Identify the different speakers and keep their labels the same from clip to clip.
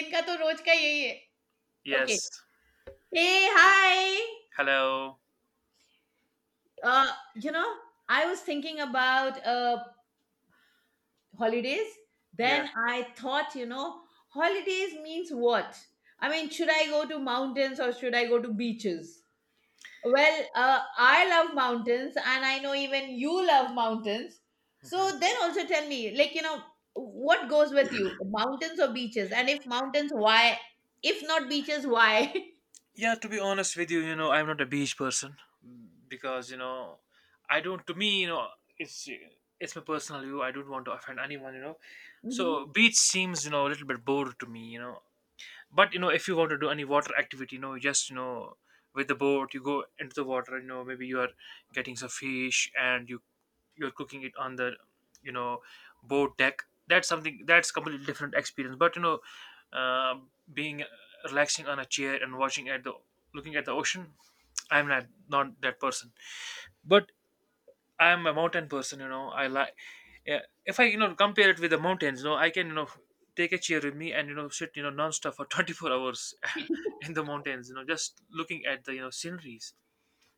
Speaker 1: इनका तो रोज का यही है। Okay.
Speaker 2: Yes.
Speaker 1: Hey, hi.
Speaker 2: Hello.
Speaker 1: Uh, you know, I was thinking about holidays.
Speaker 2: Yeah.
Speaker 1: Then I thought, holidays means what? I mean, should I go to mountains or should I go to beaches? Well, I love mountains, and I know even you love mountains.
Speaker 2: Hmm.
Speaker 1: So then also tell me, what goes with you, mountains or beaches? And if mountains, why? If not beaches, why?
Speaker 2: Yeah, to be honest with you, I'm not a beach person, because I don't. To me, it's it's my personal view. I don't want to offend anyone. You know,
Speaker 1: Hmm.
Speaker 2: so beach seems a little bit bored to me. But if you want to do any water activity, just with the boat, you go into the water. Maybe you are getting some fish and you're cooking it on the you know boat deck. That's something, that's completely different experience, but uh, being relaxing on a chair and watching at the looking at the ocean. I'm not that person, but I'm a mountain person. I like, yeah, if I compare it with the mountains, I can take a chair with me and sit non-stop for 24 hours in the mountains, just looking at the sceneries,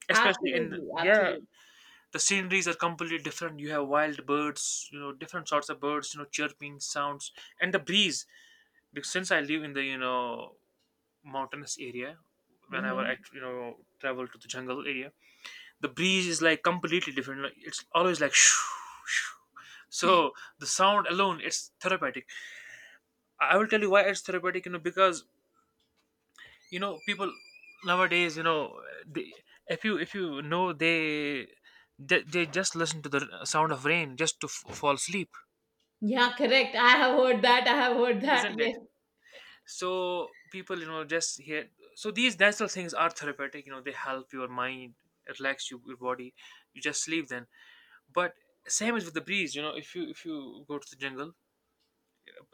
Speaker 2: especially in.
Speaker 1: Absolutely,
Speaker 2: Yeah,
Speaker 1: absolutely.
Speaker 2: the sceneries are completely different. You have wild birds, different sorts of birds, chirping sounds, and the breeze, because since I live in the mountainous area, whenever I
Speaker 1: Mhm.
Speaker 2: travel to the jungle area, the breeze is like completely different. Like, it's always like shoo, shoo. So the sound alone, it's therapeutic. I will tell you why it's therapeutic, because people nowadays, they, if you know they just listen to the sound of rain just to fall asleep.
Speaker 1: Yeah, correct. I have heard that. I have heard that.
Speaker 2: Isn't
Speaker 1: Yes.
Speaker 2: it? So people, just here. So these natural things are therapeutic, they help your mind, relax you, your body, you just sleep then. But same is with the breeze. If you go to the jungle,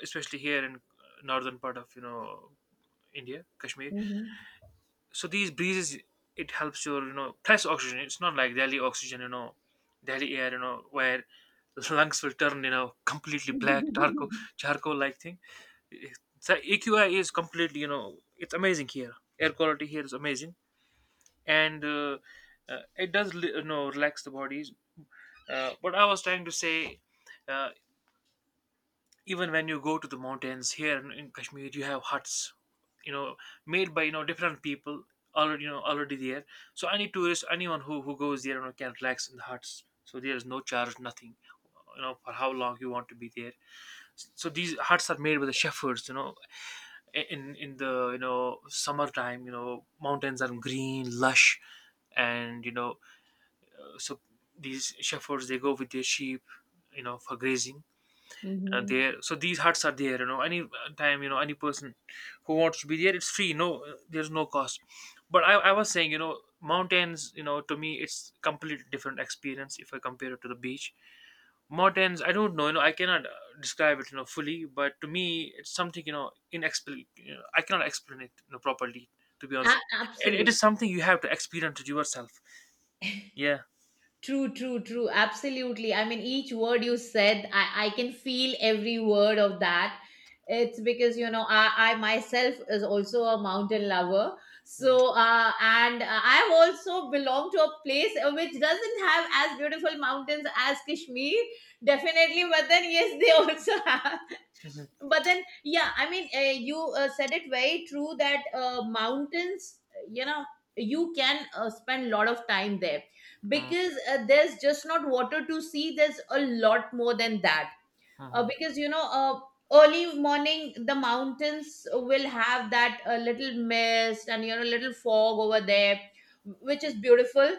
Speaker 2: especially here in northern part of India, Kashmir.
Speaker 1: Mhm.
Speaker 2: So these breezes, it helps your plus oxygen. It's not like Delhi oxygen, Delhi air, where lungs will turn completely black charcoal, charcoal like thing. The AQI is completely, it's amazing here. Air quality here is amazing. And it does relax the bodies. What I was trying to say, uh, even when you go to the mountains here in Kashmir, you have huts, you know made by different people, already you know already there. So any tourist, anyone who goes there, can relax in the huts. So there is no charge, nothing, for how long you want to be there. So these huts are made by the shepherds, in the summertime, mountains are green lush. And so these shepherds, they go with their sheep, for grazing. And
Speaker 1: Mhm.
Speaker 2: there, so these huts are there, any time, any person who wants to be there, it's free, no, there's no cost. But I was saying, mountains, to me it's completely different experience if I compare it to the beach. Mountains, I don't know, I cannot, describe it fully, but to me it's something inexplicable, I cannot explain it properly, to be
Speaker 1: A-
Speaker 2: honest. It is something you have to experience it yourself. Yeah.
Speaker 1: True, true, true. Absolutely. I mean, each word you said, I can feel every word of that. It's because, I myself is also a mountain lover. So, and I've also belong to a place which doesn't have as beautiful mountains as Kashmir, definitely. But then, yes, they also have.
Speaker 2: Mm-hmm.
Speaker 1: But then, yeah, I mean, you said it very true that mountains, you know, you can spend a lot of time there, because there's just not water to see, there's a lot more than that.
Speaker 2: Mm-hmm.
Speaker 1: Because you know early morning the mountains will have that little mist and you know little fog over there, which is beautiful.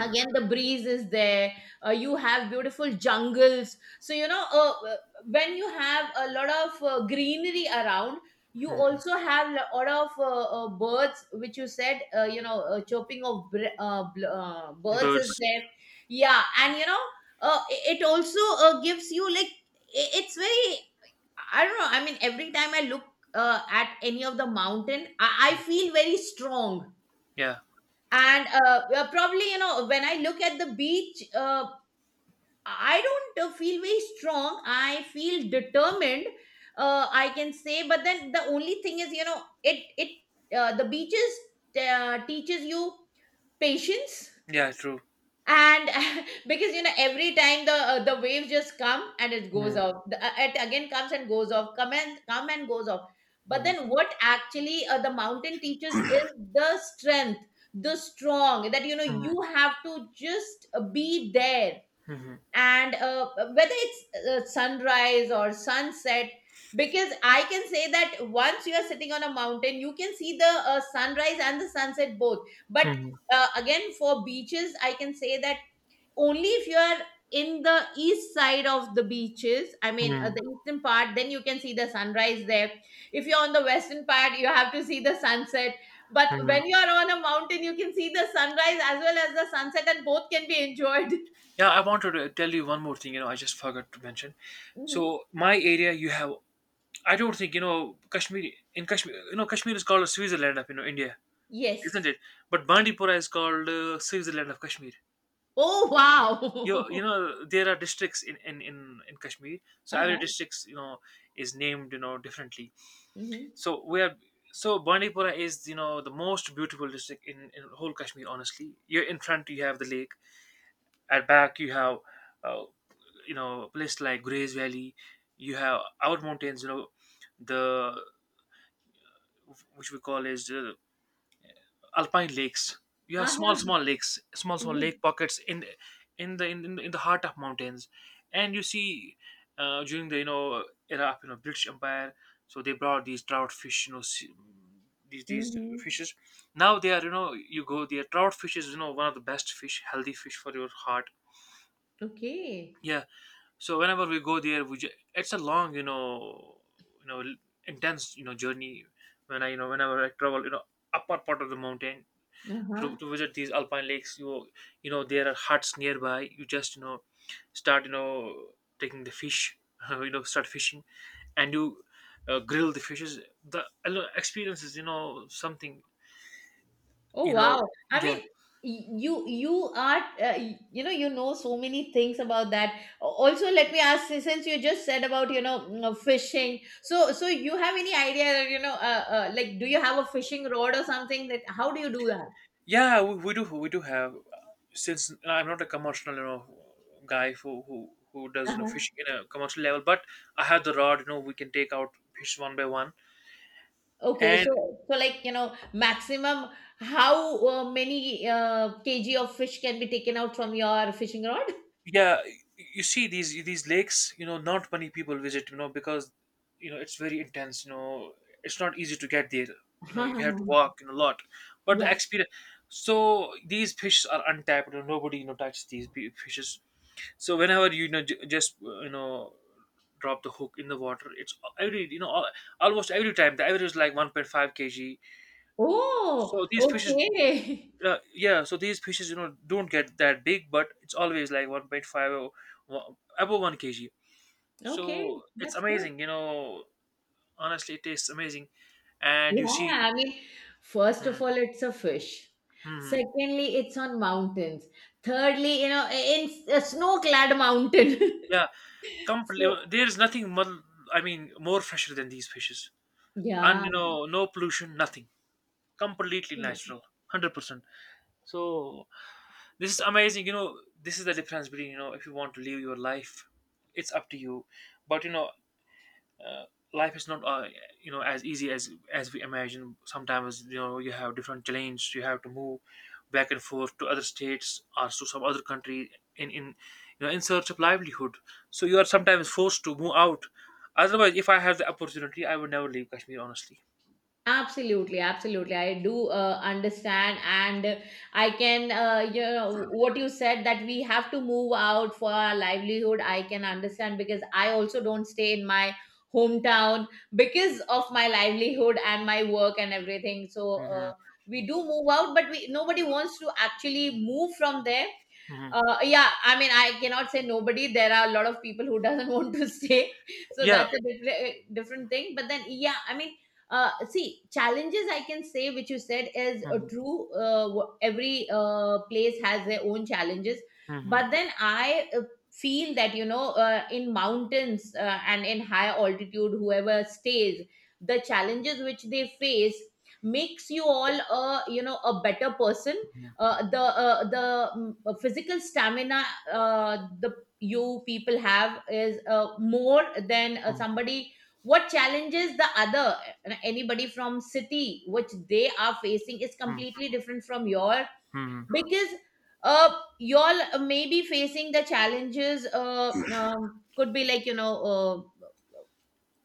Speaker 1: Again, the breeze is there. You have beautiful jungles, so you know when you have a lot of greenery around, you
Speaker 2: Mm-hmm.
Speaker 1: also have a lot of birds which you said, you know, chopping of br- bl- birds is
Speaker 2: Birds.
Speaker 1: there. Yeah, and you know it also gives you like, it's very, I don't know, I mean, every time I look at any of the mountain, I feel very strong.
Speaker 2: Yeah,
Speaker 1: And probably you know, when I look at the beach, I don't feel very strong, I feel determined, I can say. But then the only thing is, you know, it the beaches teaches you patience.
Speaker 2: yeah, true.
Speaker 1: And because you know every time the waves just come and it goes off, it again comes and goes off, come and goes off. But
Speaker 2: Mm-hmm.
Speaker 1: then what actually the mountain teaches is the strength, the strong, that you know you have to just be there.
Speaker 2: Mhm,
Speaker 1: And whether it's sunrise or sunset, because I can say that once you are sitting on a mountain you can see the sunrise and the sunset both. But
Speaker 2: mhm,
Speaker 1: again for beaches I can say that only if you are in the east side of the beaches, I mean
Speaker 2: mhm,
Speaker 1: the eastern part, then you can see the sunrise there. If you're on the western part, you have to see the sunset. But
Speaker 2: mhm.
Speaker 1: when you are on a mountain you can see the sunrise as well as the sunset, and both can be enjoyed.
Speaker 2: Yeah, I wanted to tell you one more thing, I just forgot to mention.
Speaker 1: Hmm.
Speaker 2: So, my area, you have, I don't think, in Kashmir, Kashmir is called Switzerland of, India, isn't
Speaker 1: Yes.
Speaker 2: it? But Bandipora is called Switzerland of Kashmir.
Speaker 1: Oh wow.
Speaker 2: There are districts in Kashmir. So, every
Speaker 1: Uh-huh.
Speaker 2: districts, is named, differently.
Speaker 1: Mm-hmm.
Speaker 2: So, we are, so Bandipora is, the most beautiful district in whole Kashmir, honestly. You're in front, you have the lake. At back, you have uh, places like Grays Valley. You have our mountains. The which we call as alpine lakes. You have small,
Speaker 1: Uh-huh.
Speaker 2: small lakes, small, small
Speaker 1: Yeah.
Speaker 2: lake pockets in the heart of mountains, and you see during the era of British Empire, so they brought these trout fish, these
Speaker 1: Mm-hmm.
Speaker 2: fishes. Now they are, you go there, trout fish is one of the best fish, healthy fish for your heart.
Speaker 1: Okay.
Speaker 2: Yeah, so whenever we go there, it's a long, you know intense, journey. Whenever I travel, upper part of the mountain,
Speaker 1: Uh-huh.
Speaker 2: to visit these alpine lakes. There are huts nearby. You just start, taking the fish start fishing, and you, grill the fishes. The You experience is something,
Speaker 1: Oh
Speaker 2: you know
Speaker 1: wow. I
Speaker 2: yeah.
Speaker 1: mean, you are you know, you know so many things about that. A- Also, let me ask, since you just said about, you know, fishing. So you have any idea that, you know, like, do you have a fishing rod or something, that how do you do that?
Speaker 2: Yeah, we do have. Since I'm not a commercial, guy who does
Speaker 1: Uh-huh.
Speaker 2: fishing in a commercial level, but I have the rod. We can take out fish one by one,
Speaker 1: Okay,
Speaker 2: and
Speaker 1: so like, you know, maximum how many kg of fish can be taken out from your fishing rod?
Speaker 2: yeah, you see these lakes. Not many people visit. Because it's very intense. It's not easy to get there. You have to walk, a lot, but the
Speaker 1: Yeah.
Speaker 2: experience. So these fish are untapped. Nobody touches these fishes. So whenever just drop the hook in the water. It's every you know al- almost every time, the average is like 1.5 kg.
Speaker 1: Oh,
Speaker 2: So these fishes,
Speaker 1: okay.
Speaker 2: yeah, so these fishes, don't get that big, but it's always like 1.5 or above 1 kg.
Speaker 1: Okay,
Speaker 2: So it's
Speaker 1: that's good.
Speaker 2: amazing, honestly it tastes amazing. And you
Speaker 1: Yeah,
Speaker 2: see.
Speaker 1: I mean, first
Speaker 2: Hmm,
Speaker 1: of all, it's a fish.
Speaker 2: hmm, hmm.
Speaker 1: Secondly, it's on mountains. Thirdly, you know, in a snow-clad mountain.
Speaker 2: Yeah, completely,
Speaker 1: So,
Speaker 2: there is nothing more, I mean more fresher than these fishes. And
Speaker 1: yeah.
Speaker 2: no pollution, nothing, completely natural. 100%. So this is amazing, this is the difference between, if you want to live your life, it's up to you. But uh, life is not, as easy as we imagine sometimes. You have different challenges, you have to move back and forth to other states or to some other country in in search of livelihood. So you are sometimes forced to move out. Otherwise, if I have the opportunity, I would never leave Kashmir, honestly.
Speaker 1: Absolutely, absolutely. I do understand, and I can, you know, what you said, that we have to move out for our livelihood. I can understand because I also don't stay in my hometown because of my livelihood and my work and everything. So
Speaker 2: Hmm.
Speaker 1: we do move out, but we, nobody wants to actually move from there.
Speaker 2: Hmm.
Speaker 1: Yeah, I mean, I cannot say nobody. There are a lot of people who doesn't want to stay, so
Speaker 2: Yeah.
Speaker 1: that's a different different thing. But then, yeah, I mean, see, challenges I can say which you said is
Speaker 2: Hmm.
Speaker 1: true. Every place has their own challenges,
Speaker 2: Hmm.
Speaker 1: but then I feel that, you know, in mountains and in higher altitude, whoever stays, the challenges which they face makes you all a, you know, a better person. Physical stamina the, you people have is more than somebody. What challenges the other anybody from city which they are facing is
Speaker 2: Mhm,
Speaker 1: completely different from your,
Speaker 2: mhm,
Speaker 1: because uh, y'all may be facing the challenges, could be like, you know, uh,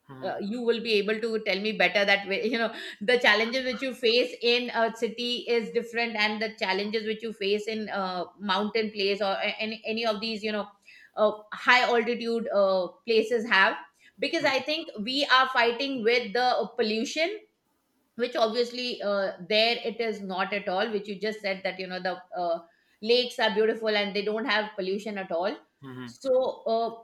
Speaker 2: mhm,
Speaker 1: you will be able to tell me better that way. You know, the challenges which you face in a city is different, and the challenges which you face in mountain place or any of these, you know, high altitude places have, because I think we are fighting with the pollution, which obviously there it is not at all, which you just said, that you know the uh, lakes are beautiful and they don't have pollution at all.
Speaker 2: mhm,
Speaker 1: So uh,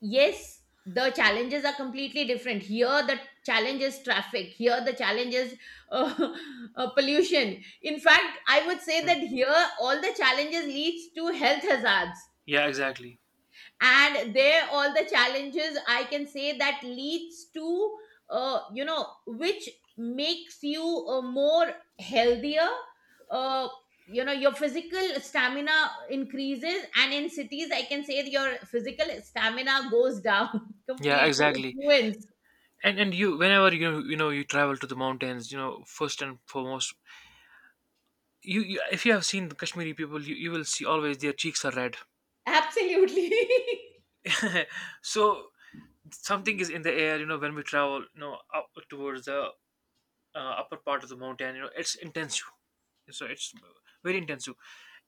Speaker 1: yes, the challenges are completely different. Here the challenge is traffic, here the challenge is uh, pollution, in fact I would say
Speaker 2: mhm.
Speaker 1: that here all the challenges leads to health hazards.
Speaker 2: Yeah, exactly.
Speaker 1: And there all the challenges I can say that leads to you know, which makes you more healthier, uh, you know, your physical stamina increases, and in cities I can say that your physical stamina goes down
Speaker 2: Yeah,
Speaker 1: completely, it
Speaker 2: exactly.
Speaker 1: ruins.
Speaker 2: And whenever you travel to the mountains, first and foremost, you if you have seen the Kashmiri people, you will see always their cheeks are red.
Speaker 1: Absolutely.
Speaker 2: So something is in the air, when we travel, up towards the upper part of the mountain, it's intense. So it's very intense.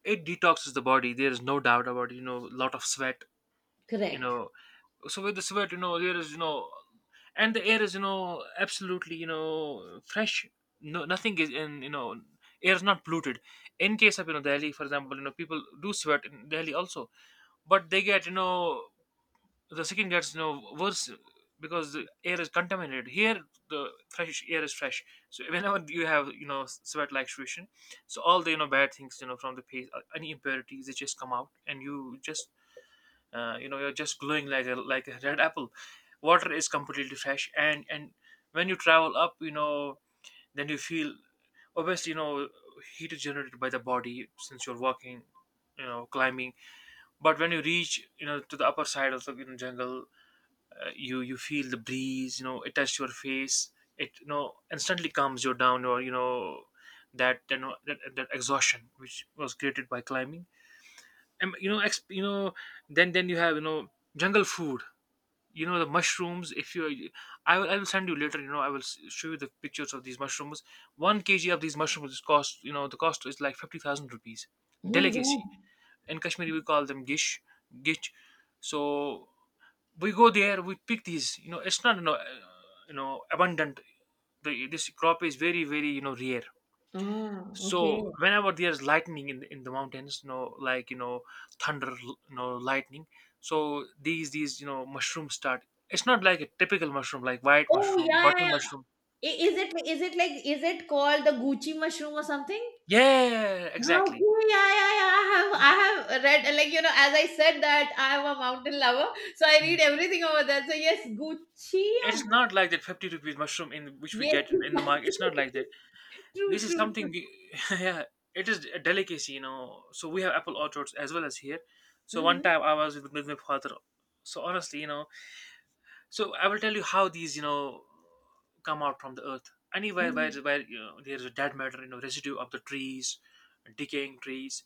Speaker 2: It detoxes the body. There is no doubt about it. Lot of sweat. You
Speaker 1: Correct.
Speaker 2: know, so with the sweat, there is, and the air is, absolutely, fresh. No, nothing is in, air is not polluted. In case of, Delhi for example, people do sweat in Delhi also, but they get, the skin gets, worse, because the air is contaminated here. The fresh air is fresh. So whenever you have sweat like situation, so all the bad things, from the face, any impurities, they just come out, and you just, you're just glowing like a red apple. Water is completely fresh. And when you travel up, then you feel obviously, heat is generated by the body since you're walking, climbing. But when you reach, to the upper side of the jungle, you feel the breeze, it touches your face, it instantly calms you down, or that, that exhaustion which was created by climbing, and then you have, jungle food. The mushrooms. If you I will send you later, show you the pictures of these mushrooms. 1 kg of these mushrooms is cost you know the cost is like 50,000 rupees.
Speaker 1: Oh my god.
Speaker 2: Delicacy. In Kashmiri we call them gish, gish. So we go there, we pick these, it's Not, you know, you know, abundant. The this crop is very very, you know, rare.
Speaker 1: Ah, okay.
Speaker 2: So whenever there's lightning in the mountains, you know, like, you know, thunder, you know, lightning. So these, you know, mushrooms start. It's not like a typical mushroom, like white
Speaker 1: Oh
Speaker 2: mushroom,
Speaker 1: yeah, yeah,
Speaker 2: button mushroom.
Speaker 1: yeah. Is it like, is it called the gucci mushroom or something?
Speaker 2: Yeah, exactly.
Speaker 1: Okay, yeah, yeah, yeah. I have read, like, you know, as I said that I am a mountain lover, so I
Speaker 2: Mm.
Speaker 1: read everything over there. So yes, Gucci,
Speaker 2: It's
Speaker 1: or-
Speaker 2: not like that 50 rupees mushroom in which we
Speaker 1: yes,
Speaker 2: get in the market. It's not like that. This
Speaker 1: true,
Speaker 2: is
Speaker 1: true,
Speaker 2: something
Speaker 1: true.
Speaker 2: we, yeah, it is a delicacy, you know. So we have apple orchards as well as here. So one
Speaker 1: Mm-hmm.
Speaker 2: time I was with my father. So honestly, you know, so I will tell you how these, come out from the earth. Anywhere where
Speaker 1: Mm-hmm.
Speaker 2: where you know, there is a dead matter, you know, residue of the trees, decaying trees.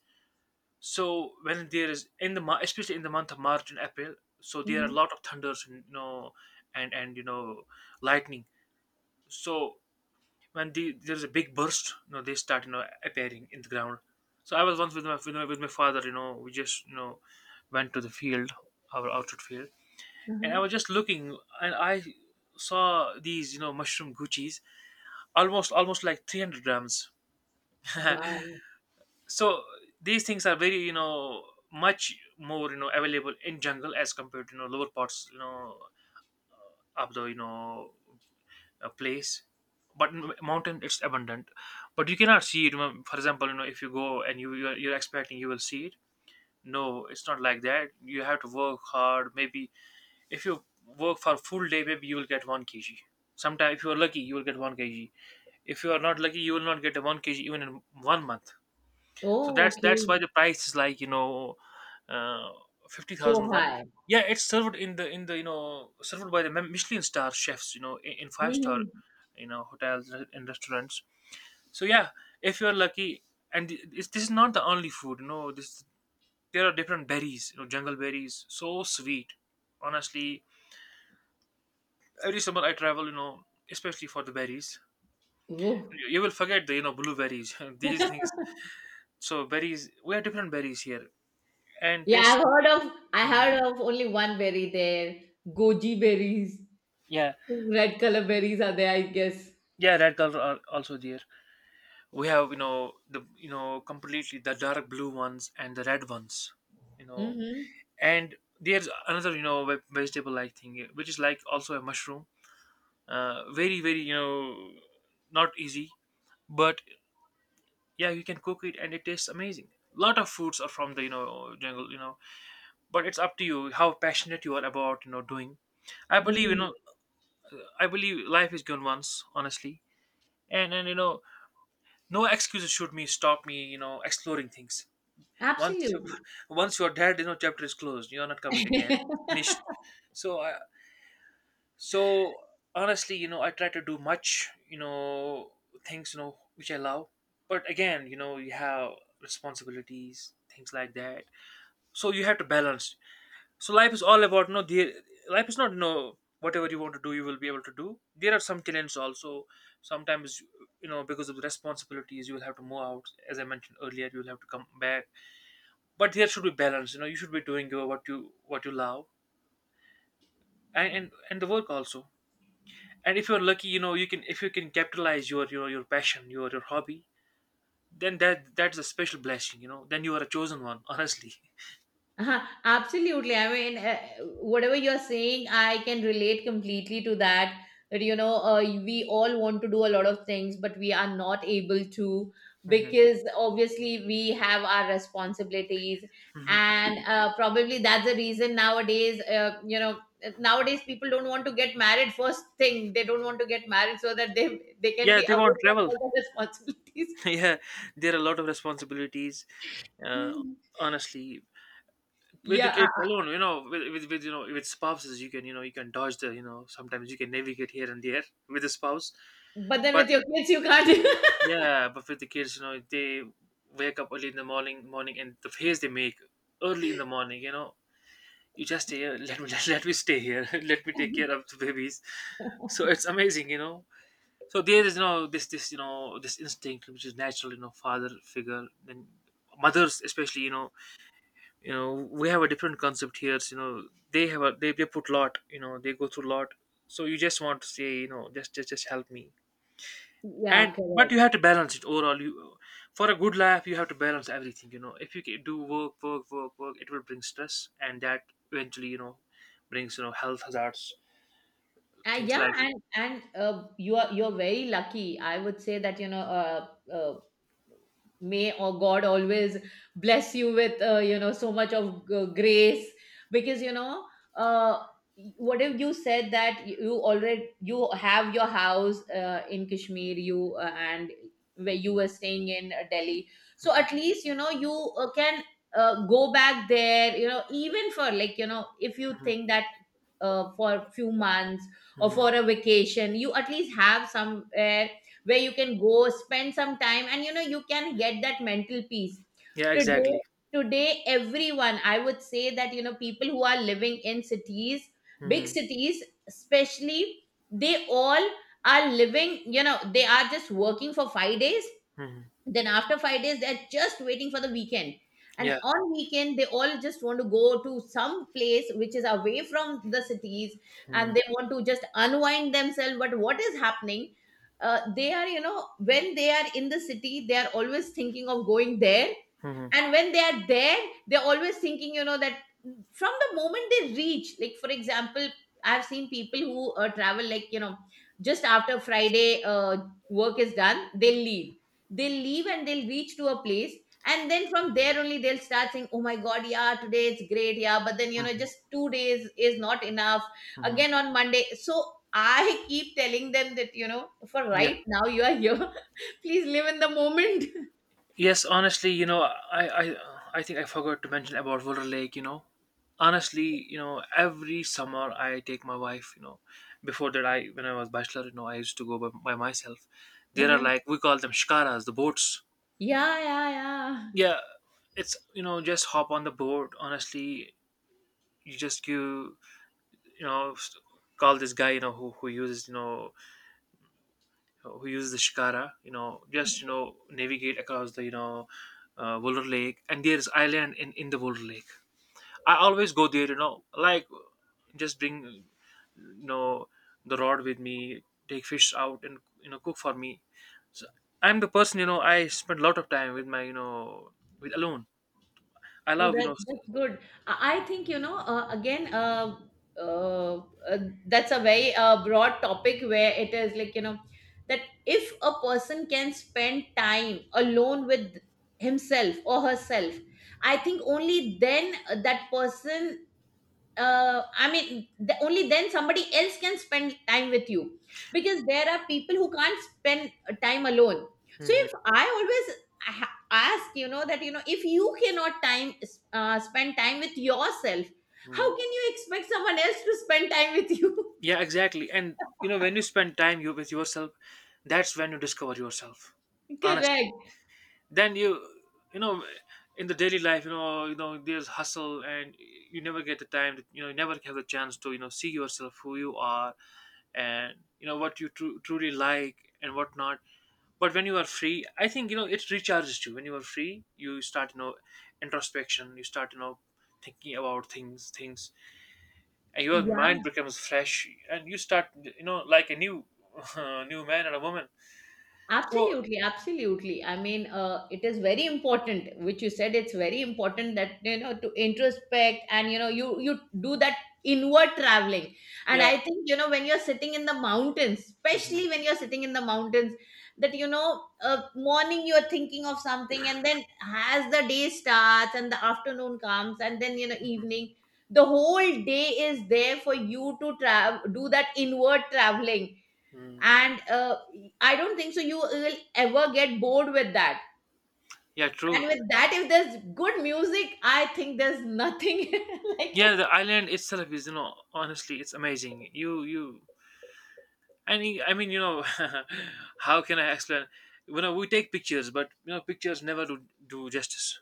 Speaker 2: So when there is in the mo- especially in the month of March and April, so there are a
Speaker 1: Mm-hmm.
Speaker 2: lot of thunders, you know, and, you know, lightning. So when the, there is a big burst, you know, they start, you know, appearing in the ground. So I was once with with my father, you know, we just, you know, went to the field, our outdoor field, and I
Speaker 1: Uh-huh.
Speaker 2: was just looking, and I saw these, you know, mushroom guchis, almost like 300 grams.
Speaker 1: Wow.
Speaker 2: So these things are very, you know, much more, you know, available in jungle as compared to, you know, lower parts, you know, of the, you know, place. But in mountain, it's abundant, but you cannot see it, you know. For example, you know, if you go and you're expecting you will see it, no, it's not like that. You have to work hard. Maybe if you work for full day, maybe you will get 1 kg. Sometimes, if you are lucky, you will get 1 kg. If you are not lucky, you will not get a 1 kg even in 1 month. So
Speaker 1: Oh,
Speaker 2: that's
Speaker 1: okay.
Speaker 2: why the price is like, you know, uh, fifty thousand
Speaker 1: So
Speaker 2: one.
Speaker 1: high.
Speaker 2: Yeah, it's served in the, you know, served by the Mem- Michelin star chefs, you know, in five star,
Speaker 1: Mm-hmm.
Speaker 2: you know, hotels and restaurants. So yeah, if you are lucky, and th- this is not the only food, you know. This, there are different berries, you know. Jungle berries, so sweet. Honestly, every summer I travel, you know, especially for the berries.
Speaker 1: Oh.
Speaker 2: You will forget the, you know, blueberries, these things. So berries, we have different berries here, and
Speaker 1: Yeah,
Speaker 2: taste.
Speaker 1: I've heard of, I
Speaker 2: Hmm.
Speaker 1: heard of only one berry there. Goji berries.
Speaker 2: Yeah,
Speaker 1: Red color berries are there, I guess.
Speaker 2: yeah, red color are also there. We have, you know, the, you know, completely the dark blue ones and the red ones, you know,
Speaker 1: Mm-hmm.
Speaker 2: and there's another, you know, ve- vegetable-like thing, which is like also a mushroom. Very, very, you know, not easy, but yeah, you can cook it and it tastes amazing. Lot of foods are from the, you know, jungle, you know, but it's up to you how passionate you are about, you know, doing. I believe, you
Speaker 1: Mm.
Speaker 2: know, I believe life is given once, honestly, and, you know, no excuses should me stop me, you know, exploring things. Once you
Speaker 1: Absolutely.
Speaker 2: once you're dead, you know, chapter is closed, you're not coming again, finished. So I, so honestly, you know, I try to do much, you know, things, you know, which I love. But again, you know, you have responsibilities, things like that. So you have to balance. So life is all about no. The life is not no. Whatever you want to do, you will be able to do. There are some talents also. Sometimes, you know, because of the responsibilities, you will have to move out. As I mentioned earlier, you will have to come back. But there should be balance. You know, you should be doing your what you love, and the work also. And if you're lucky, you know, you can, if you can capitalize your passion, your hobby, then that's a special blessing. You know, then you are a chosen one. Honestly,
Speaker 1: Uh-huh, absolutely. I mean, whatever you're saying, I can relate completely to that. That, you know, we all want to do a lot of things, but we are not able to, because obviously we have our responsibilities. And probably that's the reason nowadays, you know, nowadays people don't want to get married, first thing. They don't want to get married so that they can
Speaker 2: yeah,
Speaker 1: be
Speaker 2: they
Speaker 1: away
Speaker 2: won't
Speaker 1: from
Speaker 2: travel.
Speaker 1: all the responsibilities.
Speaker 2: Yeah, there are a lot of responsibilities. Uh, Honestly, with the
Speaker 1: Yeah.
Speaker 2: kids alone, you know, with, you know, with spouses, you can, you know, you can dodge the, you know, sometimes you can navigate here and there with a spouse.
Speaker 1: But then
Speaker 2: But
Speaker 1: with your kids, you can't.
Speaker 2: yeah, but with the kids, you know, they wake up early in the morning, morning, and the face they make early in the morning, you know, you just stay here. Let me let me stay here. Let me take care of the babies. So it's amazing, you know. So there is, you know, this, you know, this instinct which is natural, you know, father figure and mothers especially, you know, you know, we have a different concept here so, you know, they have a they put lot, you know, they go through lot. So you just want to say, you know, just help me.
Speaker 1: Yeah,
Speaker 2: And but you
Speaker 1: correct.
Speaker 2: have to balance it overall you. For a good life, you have to balance everything, you know. If you ca- do work work work work, it will bring stress, and that eventually, you know, brings, you know, health hazards, things
Speaker 1: Yeah,
Speaker 2: like.
Speaker 1: and you are, you're very lucky, I would say that, you know, uh, may or god always bless you with, you know, so much of grace, because you know, uh, what if you said that you already, you have your house in kashmir you and where you were staying in delhi. So at least, you know, you can go back there, you know, even for like, you know, if you
Speaker 2: Mhm,
Speaker 1: think that for a few months or
Speaker 2: mhm.
Speaker 1: for a vacation, you at least have somewhere where you can go spend some time, and you know you can get that mental peace.
Speaker 2: Yeah,
Speaker 1: Today,
Speaker 2: exactly.
Speaker 1: today everyone, I would say that, you know, people who are living in cities, big
Speaker 2: Mhm,
Speaker 1: cities especially, they all are living, you know, they are just working for 5 days,
Speaker 2: mhm.
Speaker 1: then after 5 days they're just waiting for the weekend, and
Speaker 2: Yeah.
Speaker 1: on weekend they all just want to go to some place which is away from the cities,
Speaker 2: Mhm.
Speaker 1: and they want to just unwind themselves. But what is happening, they are, you know, when they are in the city they are always thinking of going there,
Speaker 2: Mhm,
Speaker 1: and when they are there they're always thinking, you know, that from the moment they reach, like for example, I've seen people who travel like, you know, just after friday work is done they leave, they'll leave and they'll reach to a place, and then from there only they'll start saying, oh my god, yeah, today it's great, yeah, but then you know
Speaker 2: mhm,
Speaker 1: just 2 days is not enough,
Speaker 2: mhm.
Speaker 1: again on monday. So I keep telling them that, you know, for
Speaker 2: Yeah.
Speaker 1: right now you are here, please live in the moment.
Speaker 2: Yes, honestly, you know, I I think I forgot to mention about Wilder Lake, you know. Honestly, you know, every summer I take my wife, you know. Before that, I, when I was bachelor, you know, I used to go by myself. There are,
Speaker 1: Yeah.
Speaker 2: like, we call them shikaras, the boats.
Speaker 1: Yeah.
Speaker 2: Yeah. It's, you know, just hop on the boat, honestly. You just, you know, s- call this guy, you know, who uses, you know, who use the shikara, you know, just, you know, navigate across the, you know, Wolver Lake. And there's island in the Wolver Lake. I always go there, you know, like, just bring you know the rod with me, take fish out, and you know, cook for me. So I'm the person, you know, I spend a lot of time with my, you know, with alone. I
Speaker 1: Oh,
Speaker 2: love, you
Speaker 1: that
Speaker 2: know, s-.
Speaker 1: that's good. I think, you know, again. Uh, uh, that's a very broad topic where it is like, you know, that if a person can spend time alone with himself or herself, I think only then that person, I mean, only then somebody else can spend time with you, because there are people who can't spend time alone. So
Speaker 2: Mhm,
Speaker 1: if I always ask that if you cannot time spend time with yourself, how
Speaker 2: mhm.
Speaker 1: can you expect someone else to spend time with you?
Speaker 2: Yeah, exactly. And you know, when you spend time you with yourself, that's when you discover yourself, honestly.
Speaker 1: Correct.
Speaker 2: Then you know, in the daily life, you know, you know, there's hustle, and you never get the time to, you know, you never have the chance to, you know, see yourself who you are. And you know what you tru- truly like and whatnot. But when you are free, I think, you know, it recharges you. When you are free, you start, you know, introspection. You start, you know, thinking about things, and your mind
Speaker 1: Yeah.
Speaker 2: becomes fresh, and you start, you know, like a new new man and a woman. So
Speaker 1: Absolutely, absolutely. I mean, it is very important, which you said. It's very important that, you know, to introspect, and, you know, you do that inward traveling. And
Speaker 2: yeah.
Speaker 1: I think, you know, when you're sitting in the mountains,
Speaker 2: Mhm.
Speaker 1: especially when you're sitting in the mountains, that, morning, you're thinking of something, and then as the day starts and the afternoon comes, and then, you know,
Speaker 2: Mhm.
Speaker 1: evening, the whole day is there for you to travel, do that inward traveling.
Speaker 2: Mm.
Speaker 1: And I don't think so you will ever get bored with that.
Speaker 2: Yeah,
Speaker 1: And
Speaker 2: true.
Speaker 1: with that, if there's good music, I think there's nothing like
Speaker 2: Yeah,
Speaker 1: it.
Speaker 2: the island itself is, you know, honestly, it's amazing. You, I mean, you know, how can I explain? You know, we take pictures, but you know, pictures never do justice.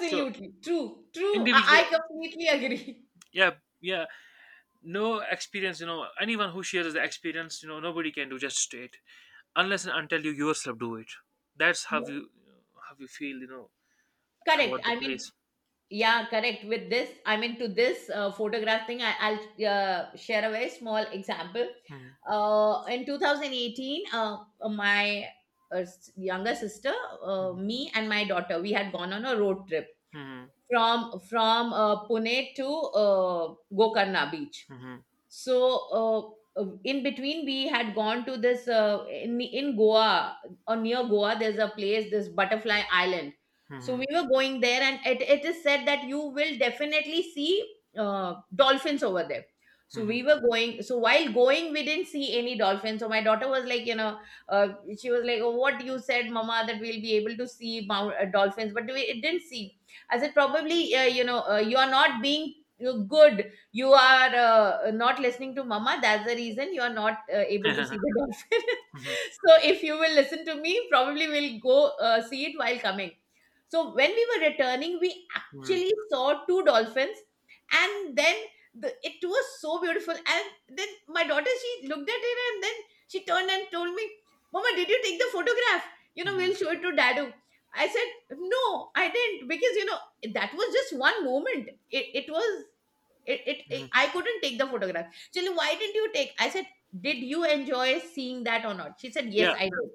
Speaker 2: So
Speaker 1: true. I,
Speaker 2: individual,
Speaker 1: I completely agree.
Speaker 2: yeah, yeah, no experience. You know, anyone who shares the experience, you know, nobody can do justice to it unless and until you yourself do it. That's how you feel, you know,
Speaker 1: Correct,
Speaker 2: about the
Speaker 1: I mean.
Speaker 2: place.
Speaker 1: Yeah, correct. With this, I mean, to this photograph thing, I'll share a very small example.
Speaker 2: Mhm,
Speaker 1: In 2018, my younger sister,
Speaker 2: mhm,
Speaker 1: me and my daughter, we had gone on a road trip from Pune to Gokarna Beach.
Speaker 2: mhm,
Speaker 1: So in between, we had gone to this in Goa, or near Goa, there's a place, this Butterfly Island. So we
Speaker 2: mhm,
Speaker 1: were going there, and it is said that you will definitely see dolphins over there.
Speaker 2: mhm,
Speaker 1: So
Speaker 2: mhm,
Speaker 1: we were going, so while going we didn't see any dolphins, so my daughter was like, uh, she was like, oh, what you said, mama, that we'll be able to see dolphins, but we — it didn't see. I said, probably, you are not being good, you are not listening to mama, that's the reason you are not able to see the dolphin.
Speaker 2: mhm,
Speaker 1: So if you will listen to me, probably we'll go see it while coming. So when we were returning, we
Speaker 2: mhm,
Speaker 1: actually saw two dolphins. And then, it was so beautiful, and then my daughter, she looked at it, and then she turned and told me, mama, did you take the photograph? You know,
Speaker 2: mhm,
Speaker 1: we'll show it to dadu. I said, no, I didn't. Because, you know, that was just one moment. It was — it,
Speaker 2: mhm.
Speaker 1: I couldn't take the photograph. She said, why didn't you take? I said, did you enjoy seeing that or not? She said, yes,
Speaker 2: Yeah,
Speaker 1: I did.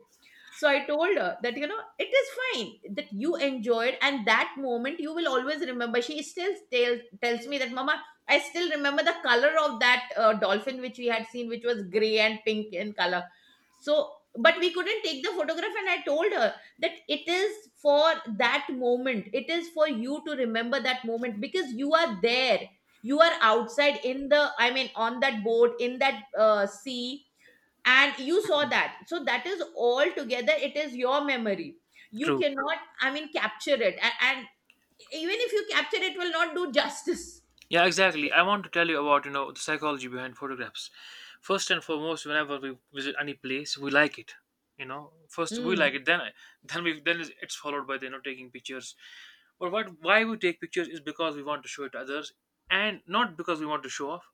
Speaker 1: So I told her that, you know, it is fine that you enjoyed, and that moment you will always remember. She still tells me that, mama, I still remember the color of that dolphin, which we had seen, which was gray and pink in color. So, but we couldn't take the photograph, and I told her that it is for that moment. It is for you to remember that moment because you are there. You are outside in I mean, on that boat, in that sea, and you saw that, so that is all together, it is your memory. You
Speaker 2: true.
Speaker 1: cannot, I mean, capture it, and even if you capture, it will not do justice.
Speaker 2: Yeah, exactly. I want to tell you about, you know, the psychology behind photographs. First and foremost, whenever we visit any place, we like it. You know, first we like
Speaker 1: Mm.
Speaker 2: it, then we then it's followed by the, you know, taking pictures. But what why we take pictures is because we want to show it to others, and not because we want to show off.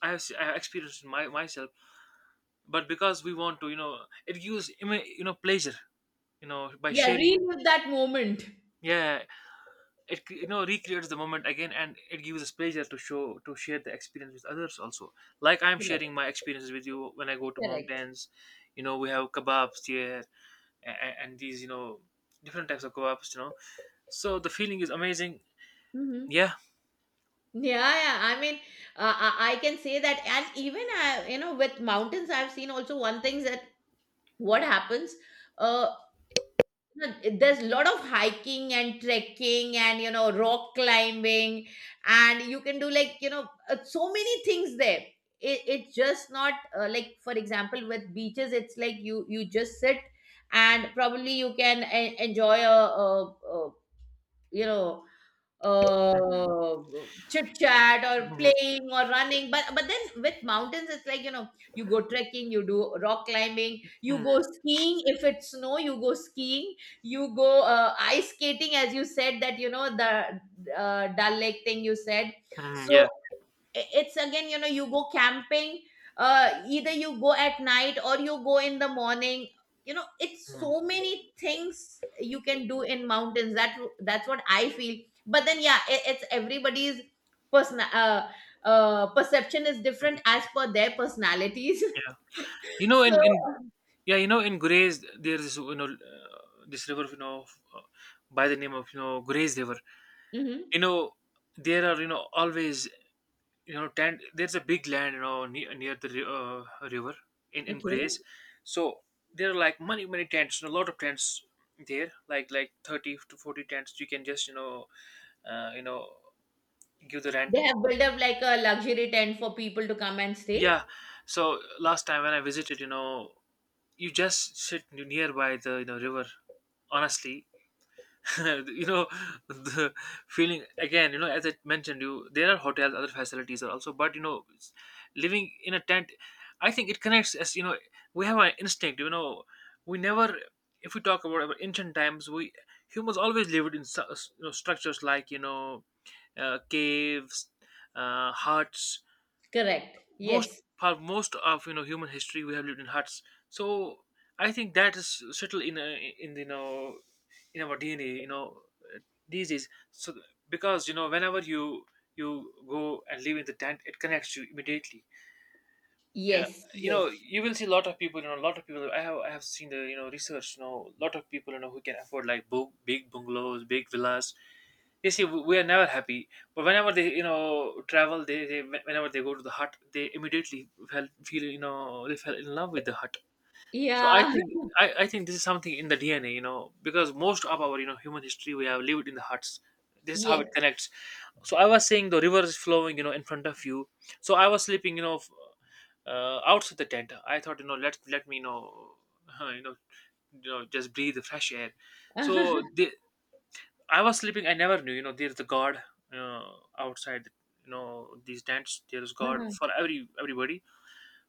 Speaker 2: I have, se- I have experienced my myself, but because we want to, you know, it gives ima- you know, pleasure, you know, by
Speaker 1: Yeah,
Speaker 2: sharing.
Speaker 1: relive that moment.
Speaker 2: Yeah, it cre- you know, recreates the moment again, and it gives us pleasure to show to share the experience with others also, like I'm
Speaker 1: Correct.
Speaker 2: sharing my experiences with you when I go to
Speaker 1: Correct.
Speaker 2: mountains. You know, we have kebabs here, and these, you know, different types of kebabs, you know. So the feeling is amazing.
Speaker 1: Hmm.
Speaker 2: Yeah.
Speaker 1: Yeah, yeah, I mean, I can say that, and even I, you know, with mountains, I've seen also one thing that what happens, uh, no, there's a lot of hiking and trekking and, you know, rock climbing, and you can do, like, you know, so many things there. It's just not like, for example, with beaches, it's like you just sit, and probably you can enjoy a you know
Speaker 2: Mhm.
Speaker 1: uh chit chat or
Speaker 2: Mhm.
Speaker 1: playing or running. But then with mountains, it's like, you know, you go trekking, you do rock climbing, you
Speaker 2: Mhm.
Speaker 1: go skiing, if it's snow, you go skiing, you go ice skating, as you said that, you know, the Dal Lake thing, you said.
Speaker 2: Mhm.
Speaker 1: So
Speaker 2: Yeah.
Speaker 1: it's, again, you know, you go camping, either you go at night or you go in the morning. You know, it's
Speaker 2: Mhm.
Speaker 1: so many things you can do in mountains, that's what I feel. But then, yeah, it's everybody's person perception is different as per their personalities.
Speaker 2: yeah you know
Speaker 1: So...
Speaker 2: in yeah you know in Gurez, there's this this river, uh, by the name of Gurez river.
Speaker 1: Mhm.
Speaker 2: you know there are always there's a big land near, near the river in
Speaker 1: Okay,
Speaker 2: Grays. So there are like many tents, a lot of tents there, like 30 to 40 tents. You can just uh, you know give the rent.
Speaker 1: they have built up like a luxury tent for people to come and stay.
Speaker 2: Yeah, so last time when I visited, you just sit nearby the river, honestly. you know the feeling again, as I mentioned, you there are hotels, other facilities are also, but living in a tent, I think it connects. As you know, we have an instinct. We never, if we talk about our ancient times, we humans always lived in structures like caves, huts.
Speaker 1: Correct.
Speaker 2: Most
Speaker 1: Yes.
Speaker 2: For most of human history we have lived in huts. So I think that is settled in in our DNA, uh, these days. So because whenever you go and live in the tent, it connects you immediately. Yeah.
Speaker 1: Yes. Yes.
Speaker 2: You will see a lot of people. A lot of people. I have seen the research. A lot of people who can afford like big bungalows, big villas. They say, "We are never happy," but whenever they travel, they whenever they go to the hut, they immediately felt feel, they fell in love with the hut. So I
Speaker 1: Yeah.
Speaker 2: think, I think this is something in the DNA, because most of our human history we have lived in the huts. This is how it connects. So I was saying the river is flowing, in front of you. So I was sleeping, outside the tent. I thought, let me you know, just breathe the fresh air.
Speaker 1: Yes.
Speaker 2: So I was sleeping. I never knew, there's the God, outside, these tents. There is God for everybody.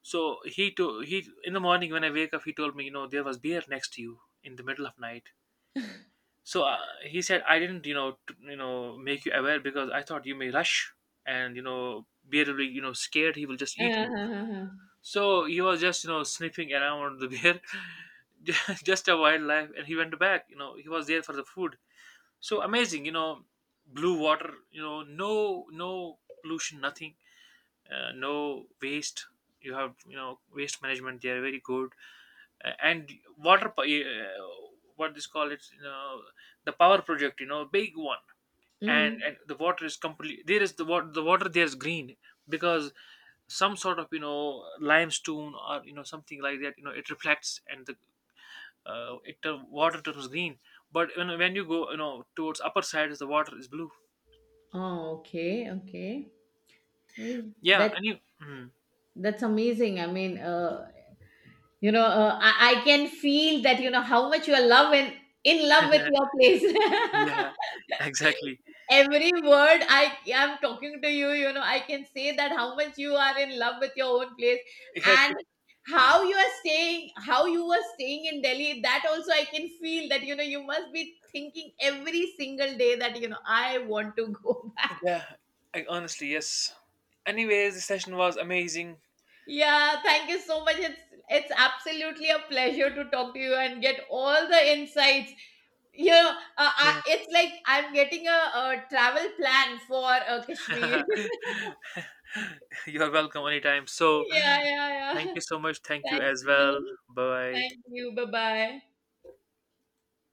Speaker 2: So he in the morning when I wake up, he told me, there was beer next to you in the middle of night. So he said, I didn't, make you aware because I thought you may rush, and beer will be, scared. He will just eat you.
Speaker 1: Huh, huh, huh.
Speaker 2: So he was just, sniffing around the beer, just a wildlife, and he went back. You know he was there for the food. So amazing, blue water, no pollution, nothing, no waste. You have waste management, they are very good. And water po- uh, what this call it, the power project, big one. And
Speaker 1: Mhm.
Speaker 2: the water is completely, there is the water, there is green because some sort of limestone or something like that, it reflects, and the water turns green. But when you go towards upper side, is the water is blue.
Speaker 1: Oh, okay, okay. Eh,
Speaker 2: Yeah
Speaker 1: That
Speaker 2: and you Mhm.
Speaker 1: that's amazing. I mean, you know, I can feel that, you know, how much you are love and in love with your place.
Speaker 2: Yeah, exactly.
Speaker 1: Every word I am talking to you, you know, I can say that how much you are in love with your own place,
Speaker 2: Yeah,
Speaker 1: and how you are staying, how you were staying in Delhi. That also I can feel, that, you know, you must be thinking every single day that, you know, I want to go.
Speaker 2: yeah. I, honestly, yes. Anyways, the session was amazing.
Speaker 1: Yeah, thank you so much. It's absolutely a pleasure to talk to you and get all the insights. Yeah, it's like I'm getting a travel plan for Kashmir.
Speaker 2: Yeah. You're welcome anytime. So
Speaker 1: Yeah, yeah, yeah.
Speaker 2: thank you so much. Thank you
Speaker 1: Thank
Speaker 2: as well.
Speaker 1: you.
Speaker 2: Bye.
Speaker 1: Thank you. Bye bye.